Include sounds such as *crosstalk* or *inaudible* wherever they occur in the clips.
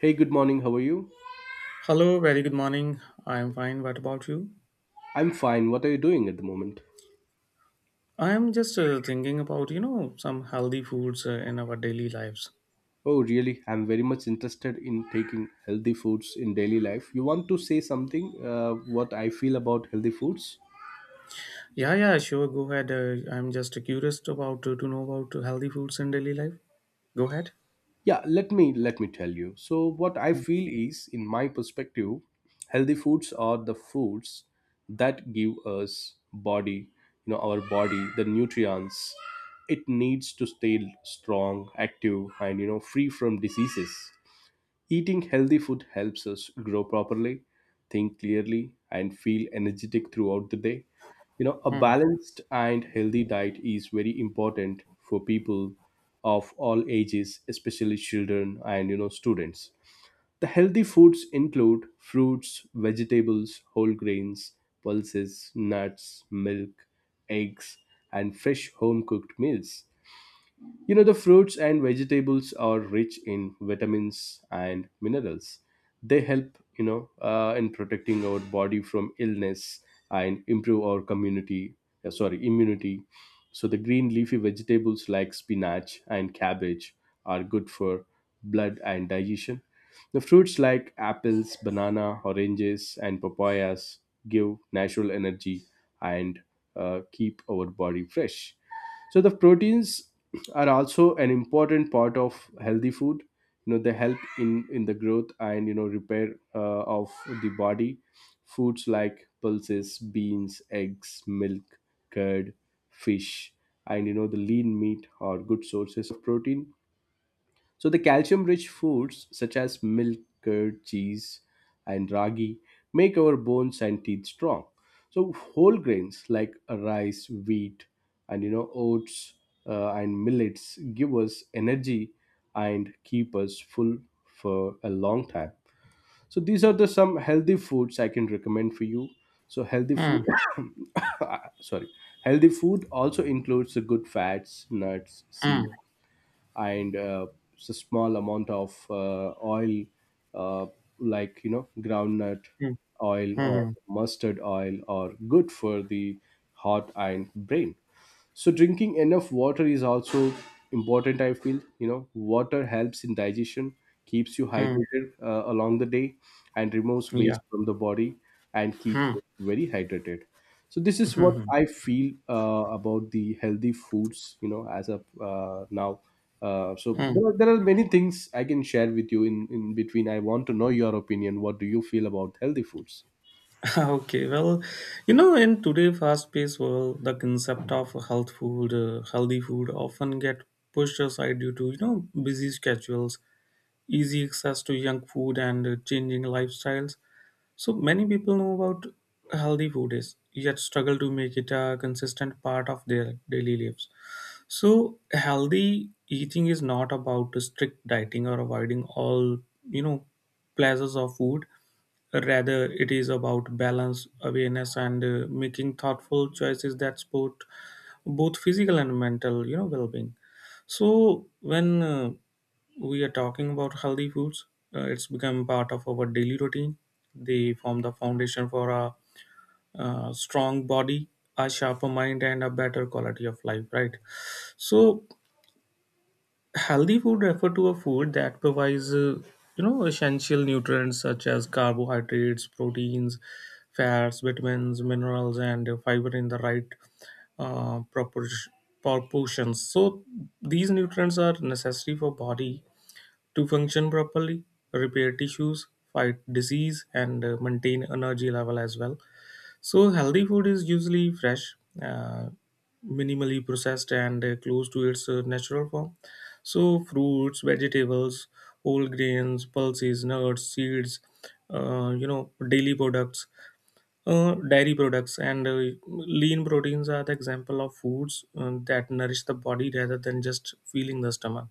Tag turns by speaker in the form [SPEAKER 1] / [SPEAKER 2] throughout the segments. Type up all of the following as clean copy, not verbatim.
[SPEAKER 1] Hey, good morning. How are you?
[SPEAKER 2] Hello, very good morning. I am fine. What about you?
[SPEAKER 1] I'm fine. What are you doing at the moment?
[SPEAKER 2] I am just thinking about, you know, some healthy foods in our daily lives.
[SPEAKER 1] Oh, really? I'm very much interested in taking healthy foods in daily life. You want to say something what I feel about healthy foods?
[SPEAKER 2] Yeah, yeah, sure. Go ahead. I'm just curious about to know about healthy foods in daily life. Go ahead.
[SPEAKER 1] Yeah, let me tell you. So what I feel is, in my perspective, healthy foods are the foods that give us body, our body the nutrients it needs to stay strong, active, and free from diseases. Eating healthy food helps us grow properly, think clearly, and feel energetic throughout the day. You know, a
[SPEAKER 2] Hmm.
[SPEAKER 1] balanced and healthy diet is very important for people of all ages, especially children and students. The healthy foods include fruits, vegetables, whole grains, pulses, nuts, milk, eggs, and fresh home cooked meals. You know, the fruits and vegetables are rich in vitamins and minerals. They help, in protecting our body from illness and improve our community, sorry, immunity. So the green leafy vegetables like spinach and cabbage are good for blood and digestion. The fruits like apples, banana, oranges, and papayas give natural energy and keep our body fresh. So the proteins are also an important part of healthy food. You know, they help in the growth and repair of the body. Foods like pulses, beans, eggs, milk, curd, fish, and the lean meat are good sources of protein. So the calcium rich foods such as milk, curd, cheese, and ragi make our bones and teeth strong. So whole grains like rice, wheat, and oats and millets give us energy and keep us full for a long time. So these are the some healthy foods I can recommend for you. So healthy food,
[SPEAKER 2] Hmm.
[SPEAKER 1] *coughs* sorry, healthy food also includes the good fats, nuts, seeds,
[SPEAKER 2] Hmm.
[SPEAKER 1] and a small amount of oil, uh, like groundnut
[SPEAKER 2] Hmm.
[SPEAKER 1] oil
[SPEAKER 2] Hmm.
[SPEAKER 1] or
[SPEAKER 2] Hmm.
[SPEAKER 1] mustard oil, are good for the heart and brain. So drinking enough water is also important. I feel, water helps in digestion, keeps you
[SPEAKER 2] Hmm.
[SPEAKER 1] hydrated along the day, and removes
[SPEAKER 2] Yeah.
[SPEAKER 1] waste from the body, and keeps
[SPEAKER 2] Hmm.
[SPEAKER 1] you very hydrated. So this is
[SPEAKER 2] Hmm.
[SPEAKER 1] what
[SPEAKER 2] Hmm.
[SPEAKER 1] I feel about the healthy foods, as of now. So
[SPEAKER 2] Hmm.
[SPEAKER 1] there are,
[SPEAKER 2] *laughs*
[SPEAKER 1] there are many things I can share with you. In between, I want to know your opinion. What do you feel about healthy foods?
[SPEAKER 2] Okay. Well, you know, in today fast-paced world, the concept of health healthy food, often get pushed aside due to you know busy schedules, easy access to junk food and changing lifestyles. So many people know about healthy food is yet struggle to make it a consistent part of their daily lives. So healthy eating is not about strict dieting or avoiding all you know pleasures of food. Rather, it is about balance, awareness, and making thoughtful choices that support both physical and mental, you know, well-being. So when we are talking about healthy foods, it's become part of our daily routine. They form the foundation for a, strong body, a sharper mind, and a better quality of life. Right. So healthy food refer to a food that provides you know essential nutrients such as carbohydrates, proteins, fats, vitamins, minerals, and fiber in the right uh, propor- proportions. So these nutrients are necessary for body to function properly, repair tissues, fight disease, and maintain energy level as well. So healthy food is usually fresh, uh, minimally processed, and close to its natural form. So fruits, vegetables, whole grains, pulses, nuts, seeds, you know, dairy products, and lean proteins are the example of foods that nourish the body rather than just filling the stomach.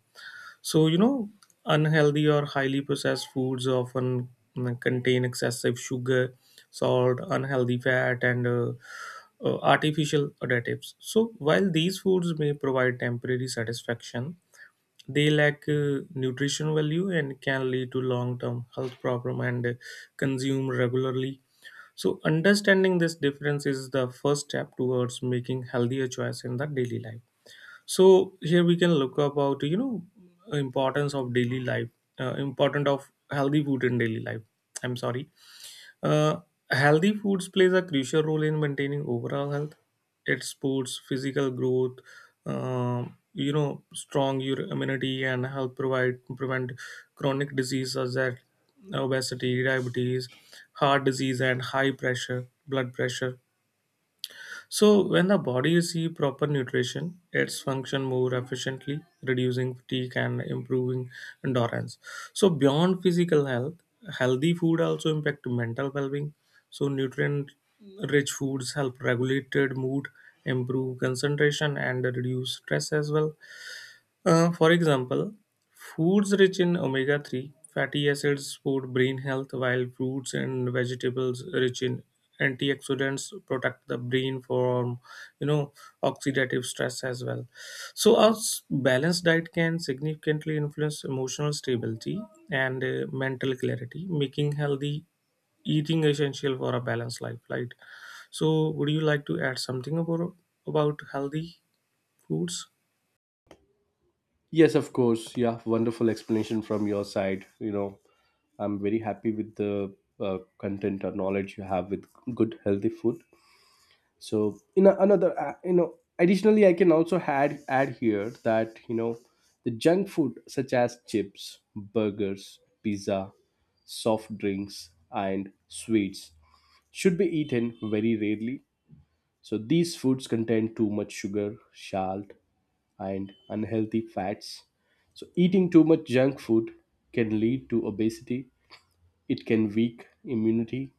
[SPEAKER 2] So, you know, unhealthy or highly processed foods often contain excessive sugar, salt, unhealthy fat, and artificial additives. So, while these foods may provide temporary satisfaction, they lack nutrition value and can lead to long-term health problem and consumed regularly. So, understanding this difference is the first step towards making healthier choice in the daily life. So here we can look about you know importance of daily life, important of healthy food in daily life. I'm sorry. uh, Healthy foods plays a crucial role in maintaining overall health. It supports physical growth, you know strong your immunity and help provide prevent chronic diseases such as obesity, diabetes, heart disease, and high pressure blood pressure. So when the body receives proper nutrition, its function more efficiently, reducing fatigue and improving endurance. So beyond physical health, healthy food also impact mental well-being. So nutrient-rich foods help regulate mood, improve concentration, and reduce stress as well. For example, foods rich in omega 3 fatty acids support brain health, while fruits and vegetables rich in antioxidants protect the brain from you know oxidative stress as well. So a balanced diet can significantly influence emotional stability and mental clarity, making healthy eating essential for a balanced life. Right. So would you like to add something about healthy foods?
[SPEAKER 1] Yes, of course. Yeah, wonderful explanation from your side. You know, I'm very happy with the content or knowledge you have with good healthy food. So in a, another, additionally, I can also add here that, the junk food such as chips, burgers, pizza, soft drinks, and sweets should be eaten very rarely. So these foods contain too much sugar, salt, and unhealthy fats. So eating too much junk food can lead to obesity. It can weak immunity,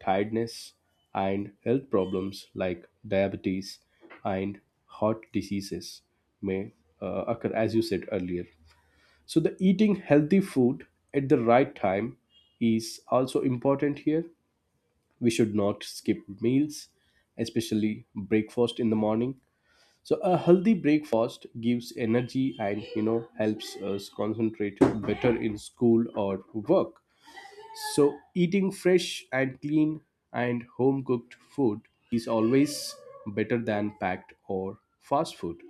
[SPEAKER 1] tiredness, and health problems like diabetes and heart diseases may occur, as you said earlier. So, the eating healthy food at the right time is also important here. We should not skip meals, especially breakfast in the morning. So, a healthy breakfast gives energy and helps us concentrate better in school or work. So, eating fresh and clean and home cooked food is always better than packed or fast food.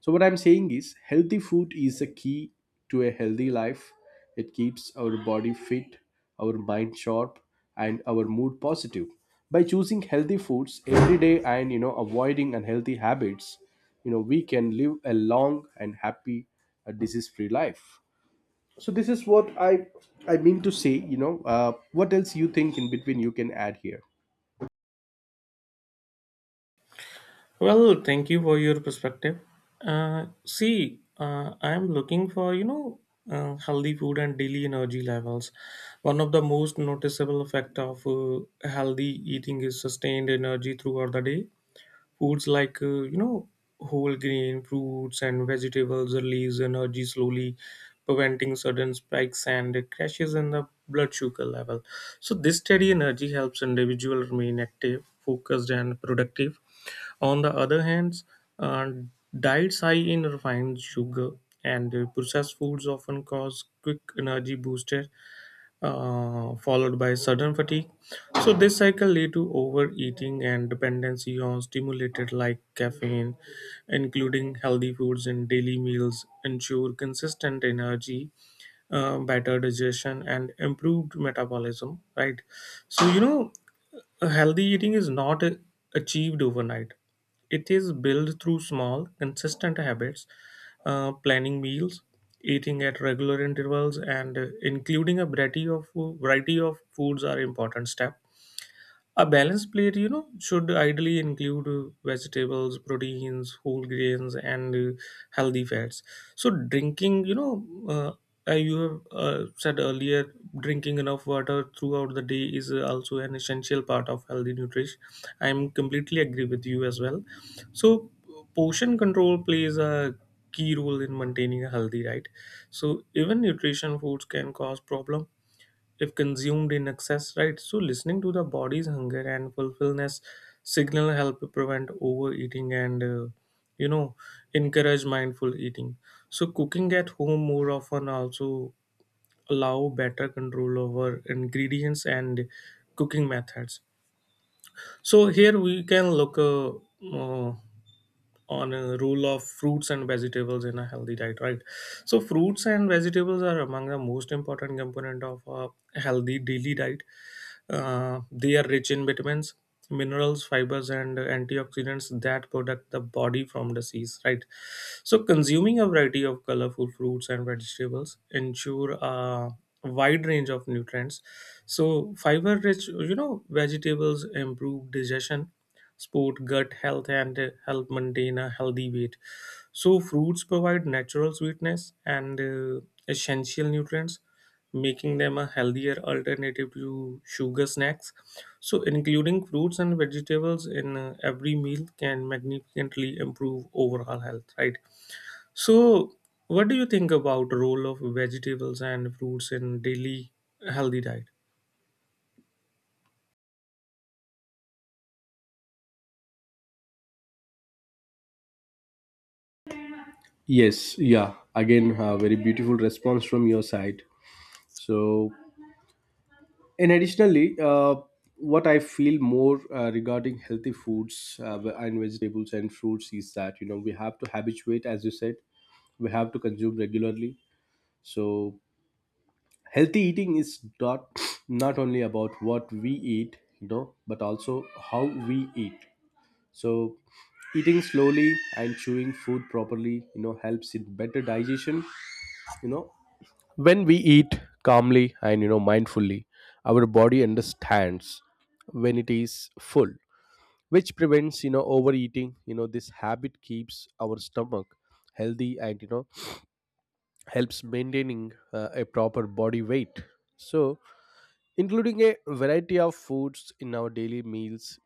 [SPEAKER 1] So, what I'm saying is, healthy food is the key to a healthy life. It keeps our body fit, our mind sharp, and our mood positive. By choosing healthy foods every day and avoiding unhealthy habits, we can live a long and happy, disease free life. So this is what I mean to say. What else you think, in between you can add here?
[SPEAKER 2] Well, thank you for your perspective. See, I am looking for you know healthy food and daily energy levels. One of the most noticeable effect of healthy eating is sustained energy throughout the day. Foods like you know whole grain fruits and vegetables release energy slowly, preventing sudden spikes and crashes in the blood sugar level. So this steady energy helps individual remain active, focused, and productive. On the other hand, uh, diets high in refined sugar and processed foods often cause quick energy boosts followed by sudden fatigue. So this cycle lead to overeating and dependency on stimulated like caffeine, including healthy foods and daily meals ensure consistent energy, better digestion and improved metabolism. Right. So you know a healthy eating is not achieved overnight. It is built through small consistent habits. Planning meals, eating at regular intervals, and including a variety of foods are important step. A balanced plate, you know, should ideally include vegetables, proteins, whole grains, and healthy fats. So, drinking, you know, uh, you have said earlier, drinking enough water throughout the day is also an essential part of healthy nutrition. I'm completely agree with you as well. So, portion control plays a key role in maintaining a healthy diet. So, even nutrition foods can cause problem if consumed in excess, right? So listening to the body's hunger and fulfillment signal help prevent overeating and you know encourage mindful eating. So cooking at home more often also allow better control over ingredients and cooking methods. So here we can look on a role of fruits and vegetables in a healthy diet, right? So fruits and vegetables are among the most important component of a healthy daily diet. They are rich in vitamins, minerals, fibers, and antioxidants that protect the body from disease. Right. So consuming a variety of colorful fruits and vegetables ensure a wide range of nutrients. So fiber-rich, you know, vegetables improve digestion, support gut health, and help maintain a healthy weight. So fruits provide natural sweetness and essential nutrients, making them a healthier alternative to sugar snacks. So, including fruits and vegetables in every meal can magnificently improve overall health, right? So, what do you think about role of vegetables and fruits in daily healthy diet?
[SPEAKER 1] Yes, yeah. Again, a very beautiful response from your side. So, and additionally, what I feel more regarding healthy foods and vegetables and fruits is that, you know, we have to habituate, as you said, we have to consume regularly. So, healthy eating is not not only about what we eat, you know, but also how we eat. So eating slowly and chewing food properly, you know, helps in better digestion. You know, when we eat calmly and mindfully, our body understands when it is full, which prevents, you know, overeating. You know, this habit keeps our stomach healthy and, you know, helps maintaining a proper body weight. So including a variety of foods in our daily meals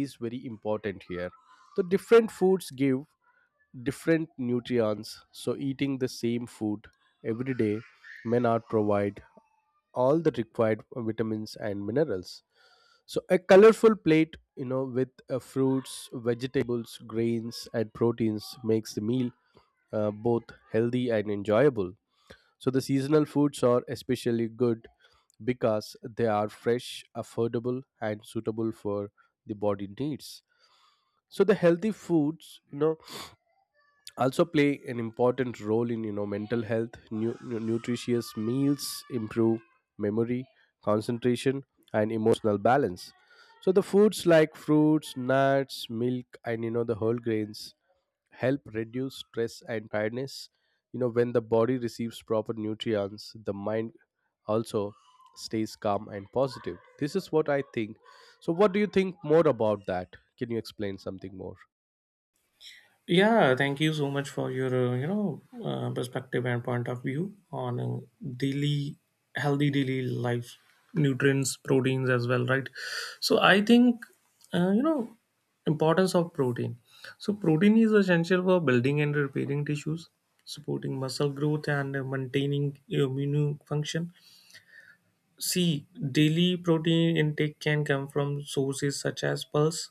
[SPEAKER 1] is very important here. The different foods give different nutrients, so eating the same food every day may not provide all the required vitamins and minerals. So a colorful plate, with fruits, vegetables, grains, and proteins makes the meal both healthy and enjoyable. So the seasonal foods are especially good because they are fresh, affordable, and suitable for the body needs. So the healthy foods, also play an important role in mental health. Nutritious meals improve memory, concentration, and emotional balance. So the foods like fruits, nuts, milk, and the whole grains help reduce stress and tiredness. You know, when the body receives proper nutrients, the mind also stays calm and positive. This is what I think. So what do you think more about that? Can you explain something more?
[SPEAKER 2] Yeah, thank you so much for your you know perspective and point of view on daily healthy daily life, nutrients, proteins as well. Right. So I think you know importance of protein. So protein is essential for building and repairing tissues, supporting muscle growth and maintaining immune function. See, daily protein intake can come from sources such as pulse,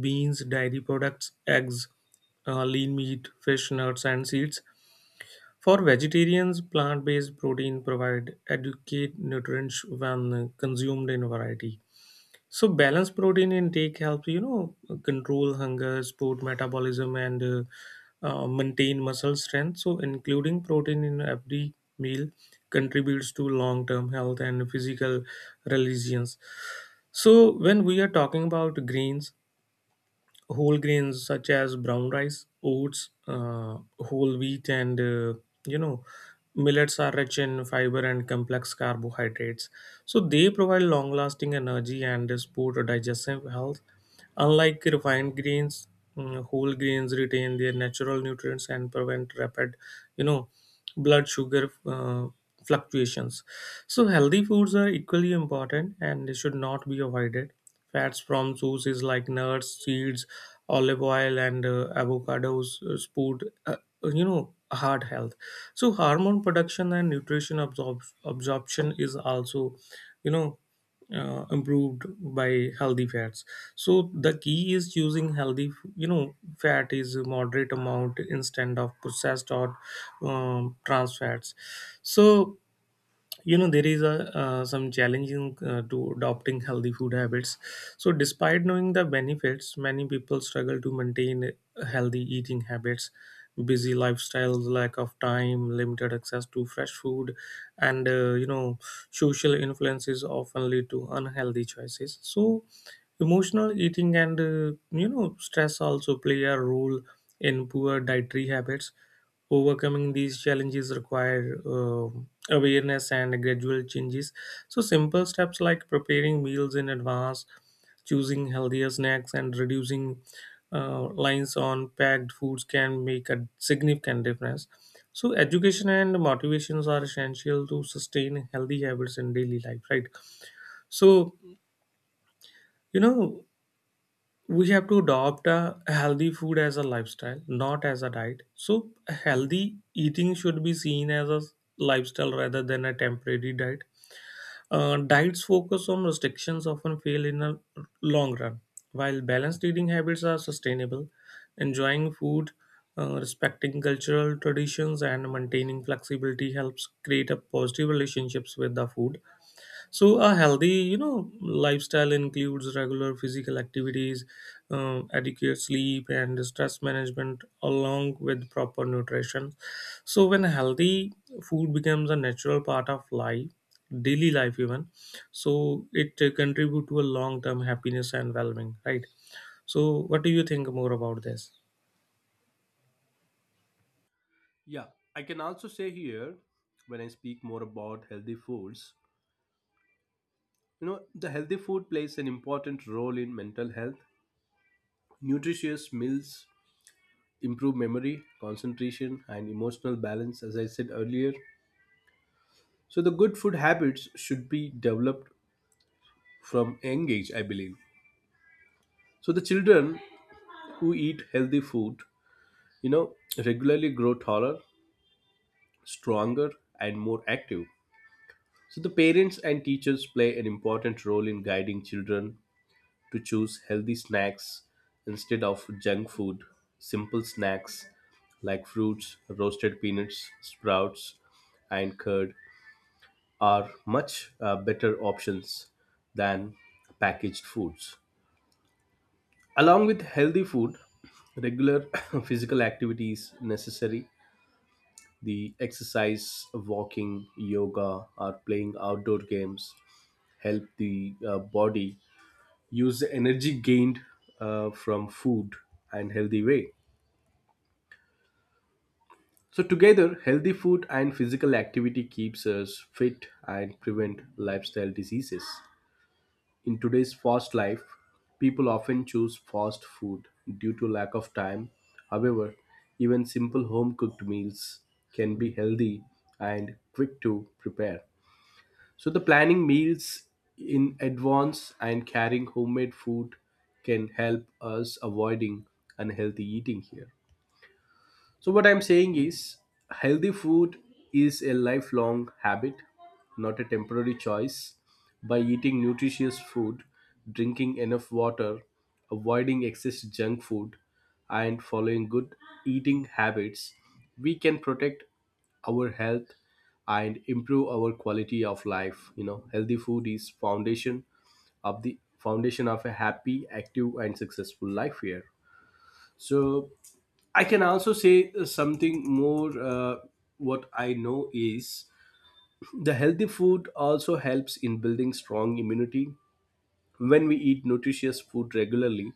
[SPEAKER 2] beans, dairy products, eggs, lean meat, fish, nuts, and seeds. For vegetarians, plant based protein provide adequate nutrients when consumed in variety. So balanced protein intake helps you know control hunger, support metabolism, and maintain muscle strength. So including protein in every meal contributes to long-term health and physical resilience. So when we are talking about grains, whole grains such as brown rice, oats, whole wheat, and you know, millets are rich in fiber and complex carbohydrates. So they provide long-lasting energy and support digestive health. Unlike refined grains, whole grains retain their natural nutrients and prevent rapid, you know, blood sugar fluctuations. So healthy foods are equally important and they should not be avoided. Fats from sources like nuts, seeds, olive oil, and avocados support, you know, heart health. So hormone production and nutrition absorption is also, you know, improved by healthy fats. So the key is using healthy you know fat is a moderate amount instead of processed or trans fats. So you know there is a some challenging to adopting healthy food habits. So despite knowing the benefits many people struggle to maintain healthy eating habits, busy lifestyles, lack of time, limited access to fresh food, and you know social influences often lead to unhealthy choices. So emotional eating and you know stress also play a role in poor dietary habits. Overcoming these challenges require awareness and gradual changes. So, simple steps like preparing meals in advance, choosing healthier snacks, and reducing lines on packed foods can make a significant difference. So, education and motivations are essential to sustain healthy habits in daily life, right? So, you know, we have to adopt a healthy food as a lifestyle not as a diet. So healthy eating should be seen as a lifestyle rather than a temporary diet. Diets focus on restrictions often fail in the long run, while balanced eating habits are sustainable. Enjoying food, respecting cultural traditions and maintaining flexibility helps create a positive relationships with the food. So a healthy, you know, lifestyle includes regular physical activities, adequate sleep, and stress management, along with proper nutrition. So when healthy food becomes a natural part of life, daily life even, so it contribute to a long term happiness and well-being, right? So what do you think more about this?
[SPEAKER 1] Yeah, I can also say here, when I speak more about healthy foods, the healthy food plays an important role in mental health. Nutritious meals improve memory, concentration, and emotional balance, as I said earlier. So, the good food habits should be developed from young age, I believe. So, the children who eat healthy food, regularly grow taller, stronger, and more active. So, the parents and teachers play an important role in guiding children to choose healthy snacks instead of junk food. Simple snacks like fruits, roasted peanuts, sprouts, and curd are much better options than packaged foods. Along with healthy food, regular *coughs* *clears throat* physical activities necessary. The exercise, walking, yoga, or playing outdoor games help the body use the energy gained from food and healthy way. So together, healthy food and physical activity keeps us fit and prevent lifestyle diseases. In today's fast life, people often choose fast food due to lack of time. However, even simple home cooked meals can be healthy and quick to prepare. So the planning meals in advance and carrying homemade food can help us avoiding unhealthy eating here. So, what I'm saying is, healthy food is a lifelong habit, not a temporary choice. By eating nutritious food, drinking enough water, avoiding excess junk food, and following good eating habits, we can protect our health and improve our quality of life. You know, healthy food is foundation of the foundation of a happy, active, and successful life here. So, I can also say something more. What I know is, the healthy food also helps in building strong immunity. When we eat nutritious food regularly,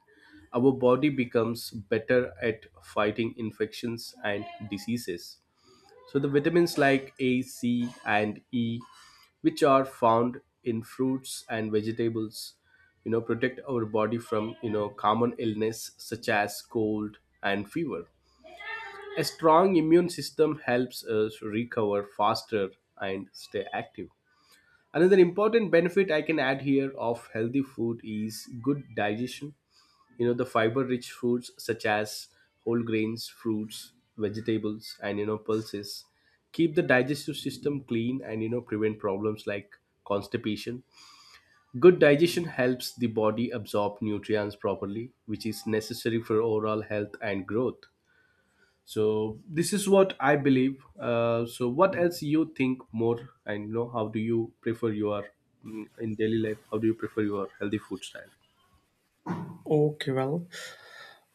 [SPEAKER 1] our body becomes better at fighting infections and diseases. So, the vitamins like A, C, and E, which are found in fruits and vegetables, protect our body from, common illness such as cold and fever. A strong immune system helps us recover faster and stay active. Another important benefit I can add here of healthy food is good digestion. You know, the fiber rich foods such as whole grains, fruits, vegetables, and, pulses keep the digestive system clean and, prevent problems like constipation. Good digestion helps the body absorb nutrients properly, which is necessary for overall health and growth. So this is what I believe. So what else you think more, and, how do you prefer your in daily life, how do you prefer your healthy food style?
[SPEAKER 2] Okay, well,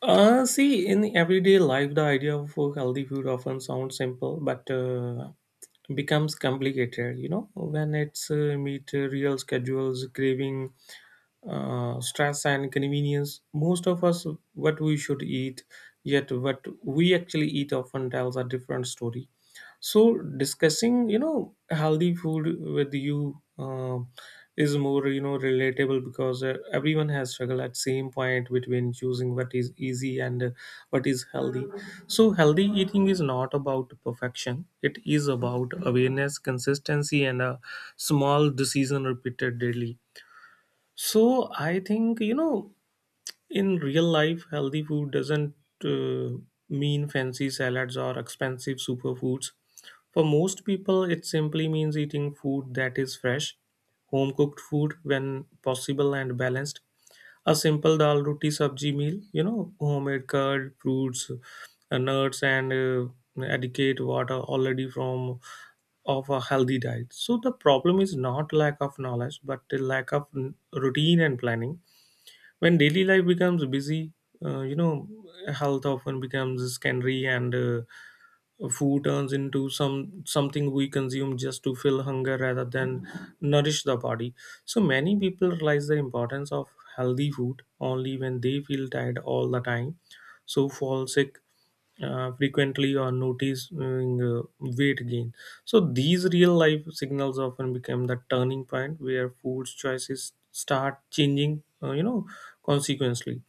[SPEAKER 2] see, in everyday life, the idea of healthy food often sounds simple, but becomes complicated you know when it's meet real schedules, craving, stress and convenience. Most of us, what we should eat, yet what we actually eat often tells a different story. So discussing, you know, healthy food with you is more, you know, relatable because everyone has struggled at same point between choosing what is easy and what is healthy. So healthy eating is not about perfection. It is about awareness, consistency, and a small decision repeated daily. So I think, in real life, healthy food doesn't uh, mean fancy salads or expensive superfoods. For most people, it simply means eating food that is fresh, home cooked food when possible, and balanced. A simple dal roti sabji meal, you know, homemade curd, fruits, nuts, and adequate water already from of a healthy diet. So the problem is not lack of knowledge, but the lack of routine and planning when daily life becomes busy, uh, you know health often becomes secondary, and food turns into something we consume just to fill hunger rather than nourish the body. So many people realize the importance of healthy food only when they feel tired all the time. So fall sick frequently or notice weight gain. So these real life signals often become the turning point where food choices start changing, consequently.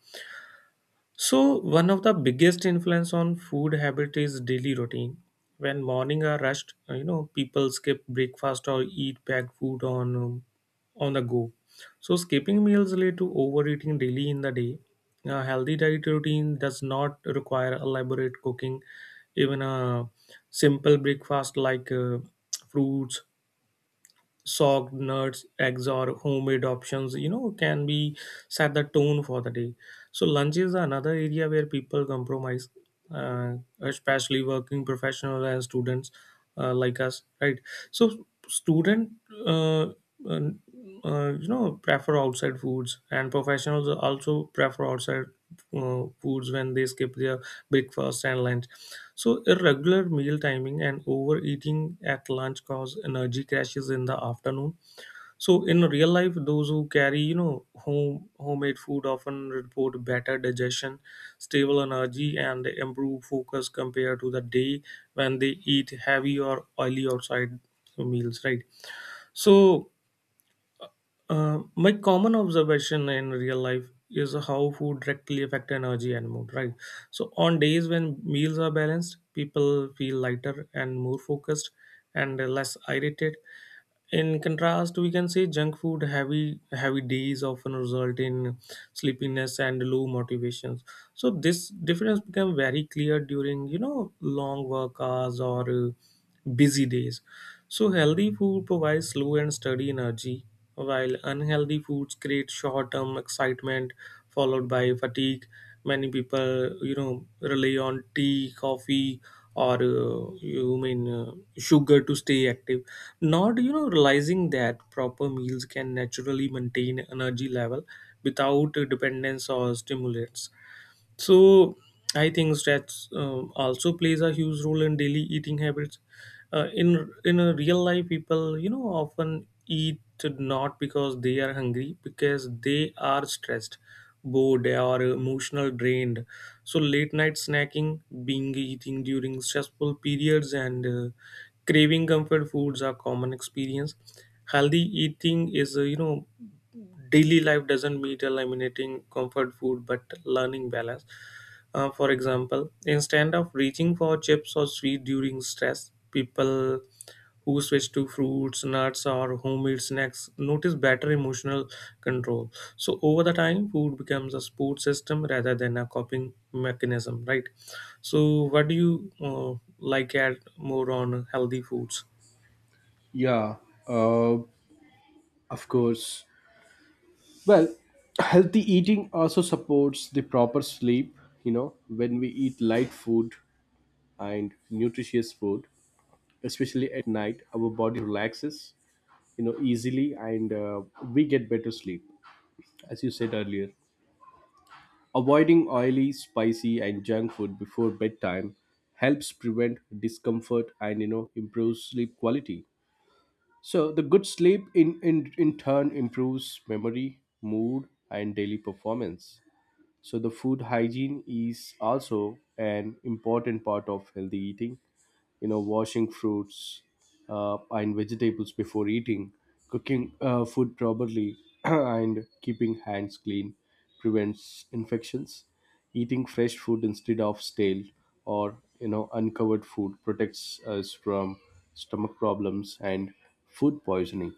[SPEAKER 2] So, one of the biggest influence on food habit is daily routine. When morning are rushed, you know, people skip breakfast or eat packed food on the go. So, skipping meals lead to overeating daily in the day. A healthy diet routine does not require elaborate cooking. Even a simple breakfast like fruits, soaked nuts, eggs, or homemade options, you know, can be set the tone for the day. So, lunch is another area where people compromise, uh, especially working professionals and students like us, right? So, student uh, uh, you know, prefer outside foods, and professionals also prefer outside foods when they skip their breakfast and lunch. So irregular meal timing and overeating at lunch cause energy crashes in the afternoon. So in real life, those who carry, you know, homemade food often report better digestion, stable energy, and improved focus compared to the day when they eat heavy or oily outside meals, right? So my common observation in real life is how food directly affect energy and mood, right? So on days when meals are balanced, people feel lighter and more focused and less irritated. In contrast, we can say junk food heavy days often result in sleepiness and low motivations. So this difference become very clear during, you know, long work hours or busy days. So, healthy food provides slow and steady energy, while unhealthy foods create short term excitement followed by fatigue. Many people, you know, rely on tea, coffee, or you mean sugar to stay active, not, you know, realizing that proper meals can naturally maintain energy level without dependence or stimulants. So I think stress also plays a huge role in daily eating habits. In a real life, people, you know, often eat not because they are hungry, because they are stressed, bored, or emotional drained. So late night snacking, being eating during stressful periods, and craving comfort foods are common experience. Healthy eating is daily life doesn't mean eliminating comfort food but learning balance. For example, instead of reaching for chips or sweet during stress, people who switch to fruits, nuts, or homemade snacks notice better emotional control. So over the time, food becomes a support system rather than a coping mechanism, right? So what do you like add more on healthy foods?
[SPEAKER 1] Yeah, uh, of course. Well, healthy eating also supports the proper sleep. You know, when we eat light food and nutritious food, especially at night, our body relaxes, easily, and we get better sleep, as you said earlier. Avoiding oily, spicy, and junk food before bedtime helps prevent discomfort and, improves sleep quality. So the good sleep in turn improves memory, mood, and daily performance. So the food hygiene is also an important part of healthy eating. You know, washing fruits and vegetables before eating, cooking food properly, *clears throat* and keeping hands clean prevents infections. Eating fresh food instead of stale or, uncovered food protects us from stomach problems and food poisoning.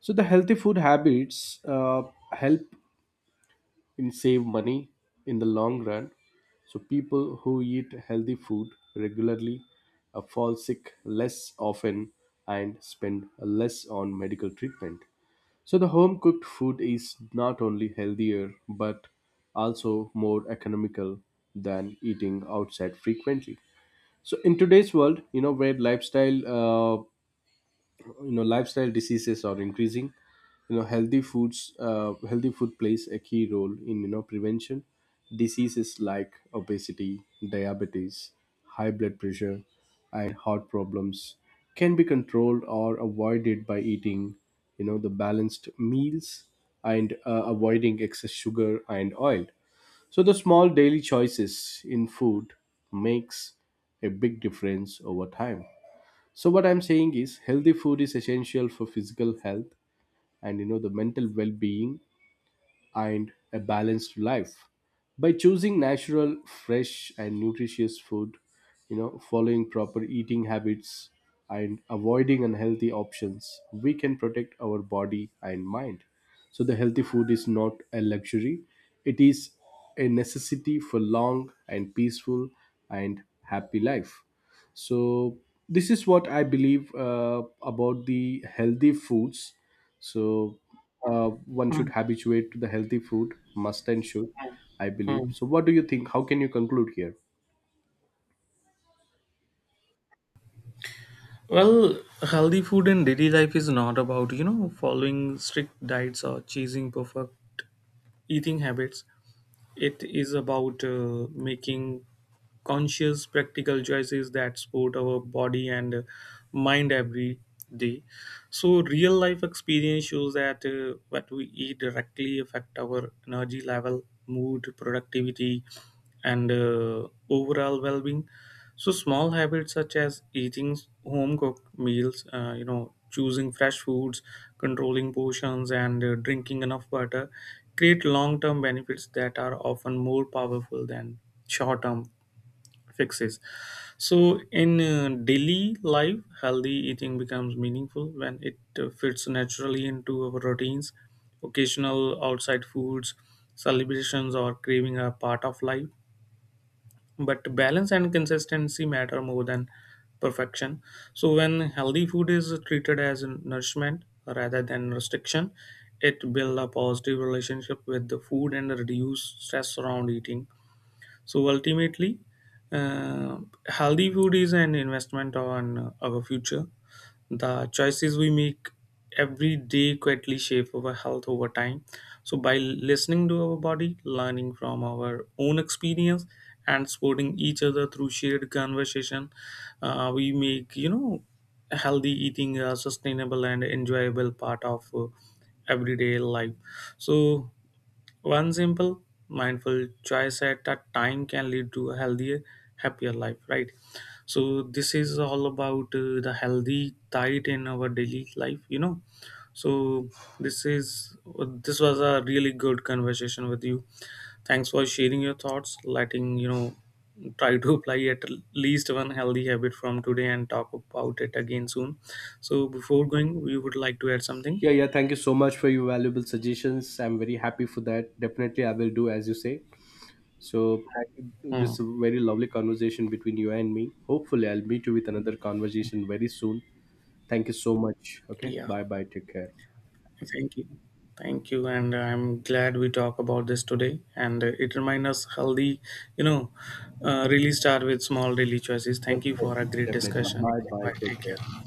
[SPEAKER 1] So the healthy food habits help and save money in the long run. So people who eat healthy food regularly fall sick less often and spend less on medical treatment. So the home cooked food is not only healthier but also more economical than eating outside frequently. So in today's world, where lifestyle lifestyle diseases are increasing, healthy foods, healthy food plays a key role in, prevention. Diseases like obesity, diabetes, high blood pressure, and heart problems can be controlled or avoided by eating, the balanced meals, and avoiding excess sugar and oil. So the small daily choices in food makes a big difference over time. So what I'm saying is, healthy food is essential for physical health and, the mental well-being, and a balanced life. By choosing natural, fresh, and nutritious food, following proper eating habits and avoiding unhealthy options, we can protect our body and mind. So the healthy food is not a luxury, it is a necessity for long and peaceful and happy life. So this is what I believe about the healthy foods. So, uh, one
[SPEAKER 2] Hmm.
[SPEAKER 1] should habituate to the healthy food, must and should, I believe.
[SPEAKER 2] Hmm.
[SPEAKER 1] So what do you think? How can you conclude here?
[SPEAKER 2] Well, healthy food in daily life is not about, you know, following strict diets or chasing perfect eating habits. It is about making conscious, practical choices that support our body and mind every day. So, real life experience shows that what we eat directly affect our energy level, mood, productivity, and overall well-being. So small habits such as eating home cooked meals, you know, choosing fresh foods, controlling portions, and drinking enough water create long term benefits that are often more powerful than short term fixes. So in daily life, healthy eating becomes meaningful when it fits naturally into our routines. Occasional outside foods, celebrations, or craving are part of life, but balance and consistency matter more than perfection. So when healthy food is treated as nourishment rather than restriction, it builds a positive relationship with the food and reduce stress around eating. So ultimately, uh, healthy food is an investment on our future. The choices we make every day quietly shape our health over time. So, by listening to our body, learning from our own experience, and supporting each other through shared conversation, we make, you know, healthy eating a sustainable and enjoyable part of everyday life. So, one simple, mindful choice at a time can lead to a healthier, happier life, right? So, this is all about the healthy diet in our daily life, you know. So, this is this was a really good conversation with you. Thanks for sharing your thoughts, letting you know, try to apply at least one healthy habit from today and talk about it again soon. So, before going, we would like to add something.
[SPEAKER 1] Yeah, yeah, thank you so much for your valuable suggestions. I'm very happy for that. Definitely, I will do as you say. So, thank- this
[SPEAKER 2] Hmm.
[SPEAKER 1] is a very lovely conversation between you and me. Hopefully, I'll meet you with another conversation very soon. Thank you so much. Okay,
[SPEAKER 2] Yeah.
[SPEAKER 1] bye bye, take care.
[SPEAKER 2] Thank you. Thank you. And I'm glad we talk about this today. And it reminds us healthy, you know, really start with small daily choices. Thank you for a
[SPEAKER 1] definitely
[SPEAKER 2] great
[SPEAKER 1] definitely
[SPEAKER 2] discussion.
[SPEAKER 1] bye bye,
[SPEAKER 2] Bye. Take
[SPEAKER 1] take care.
[SPEAKER 2] care.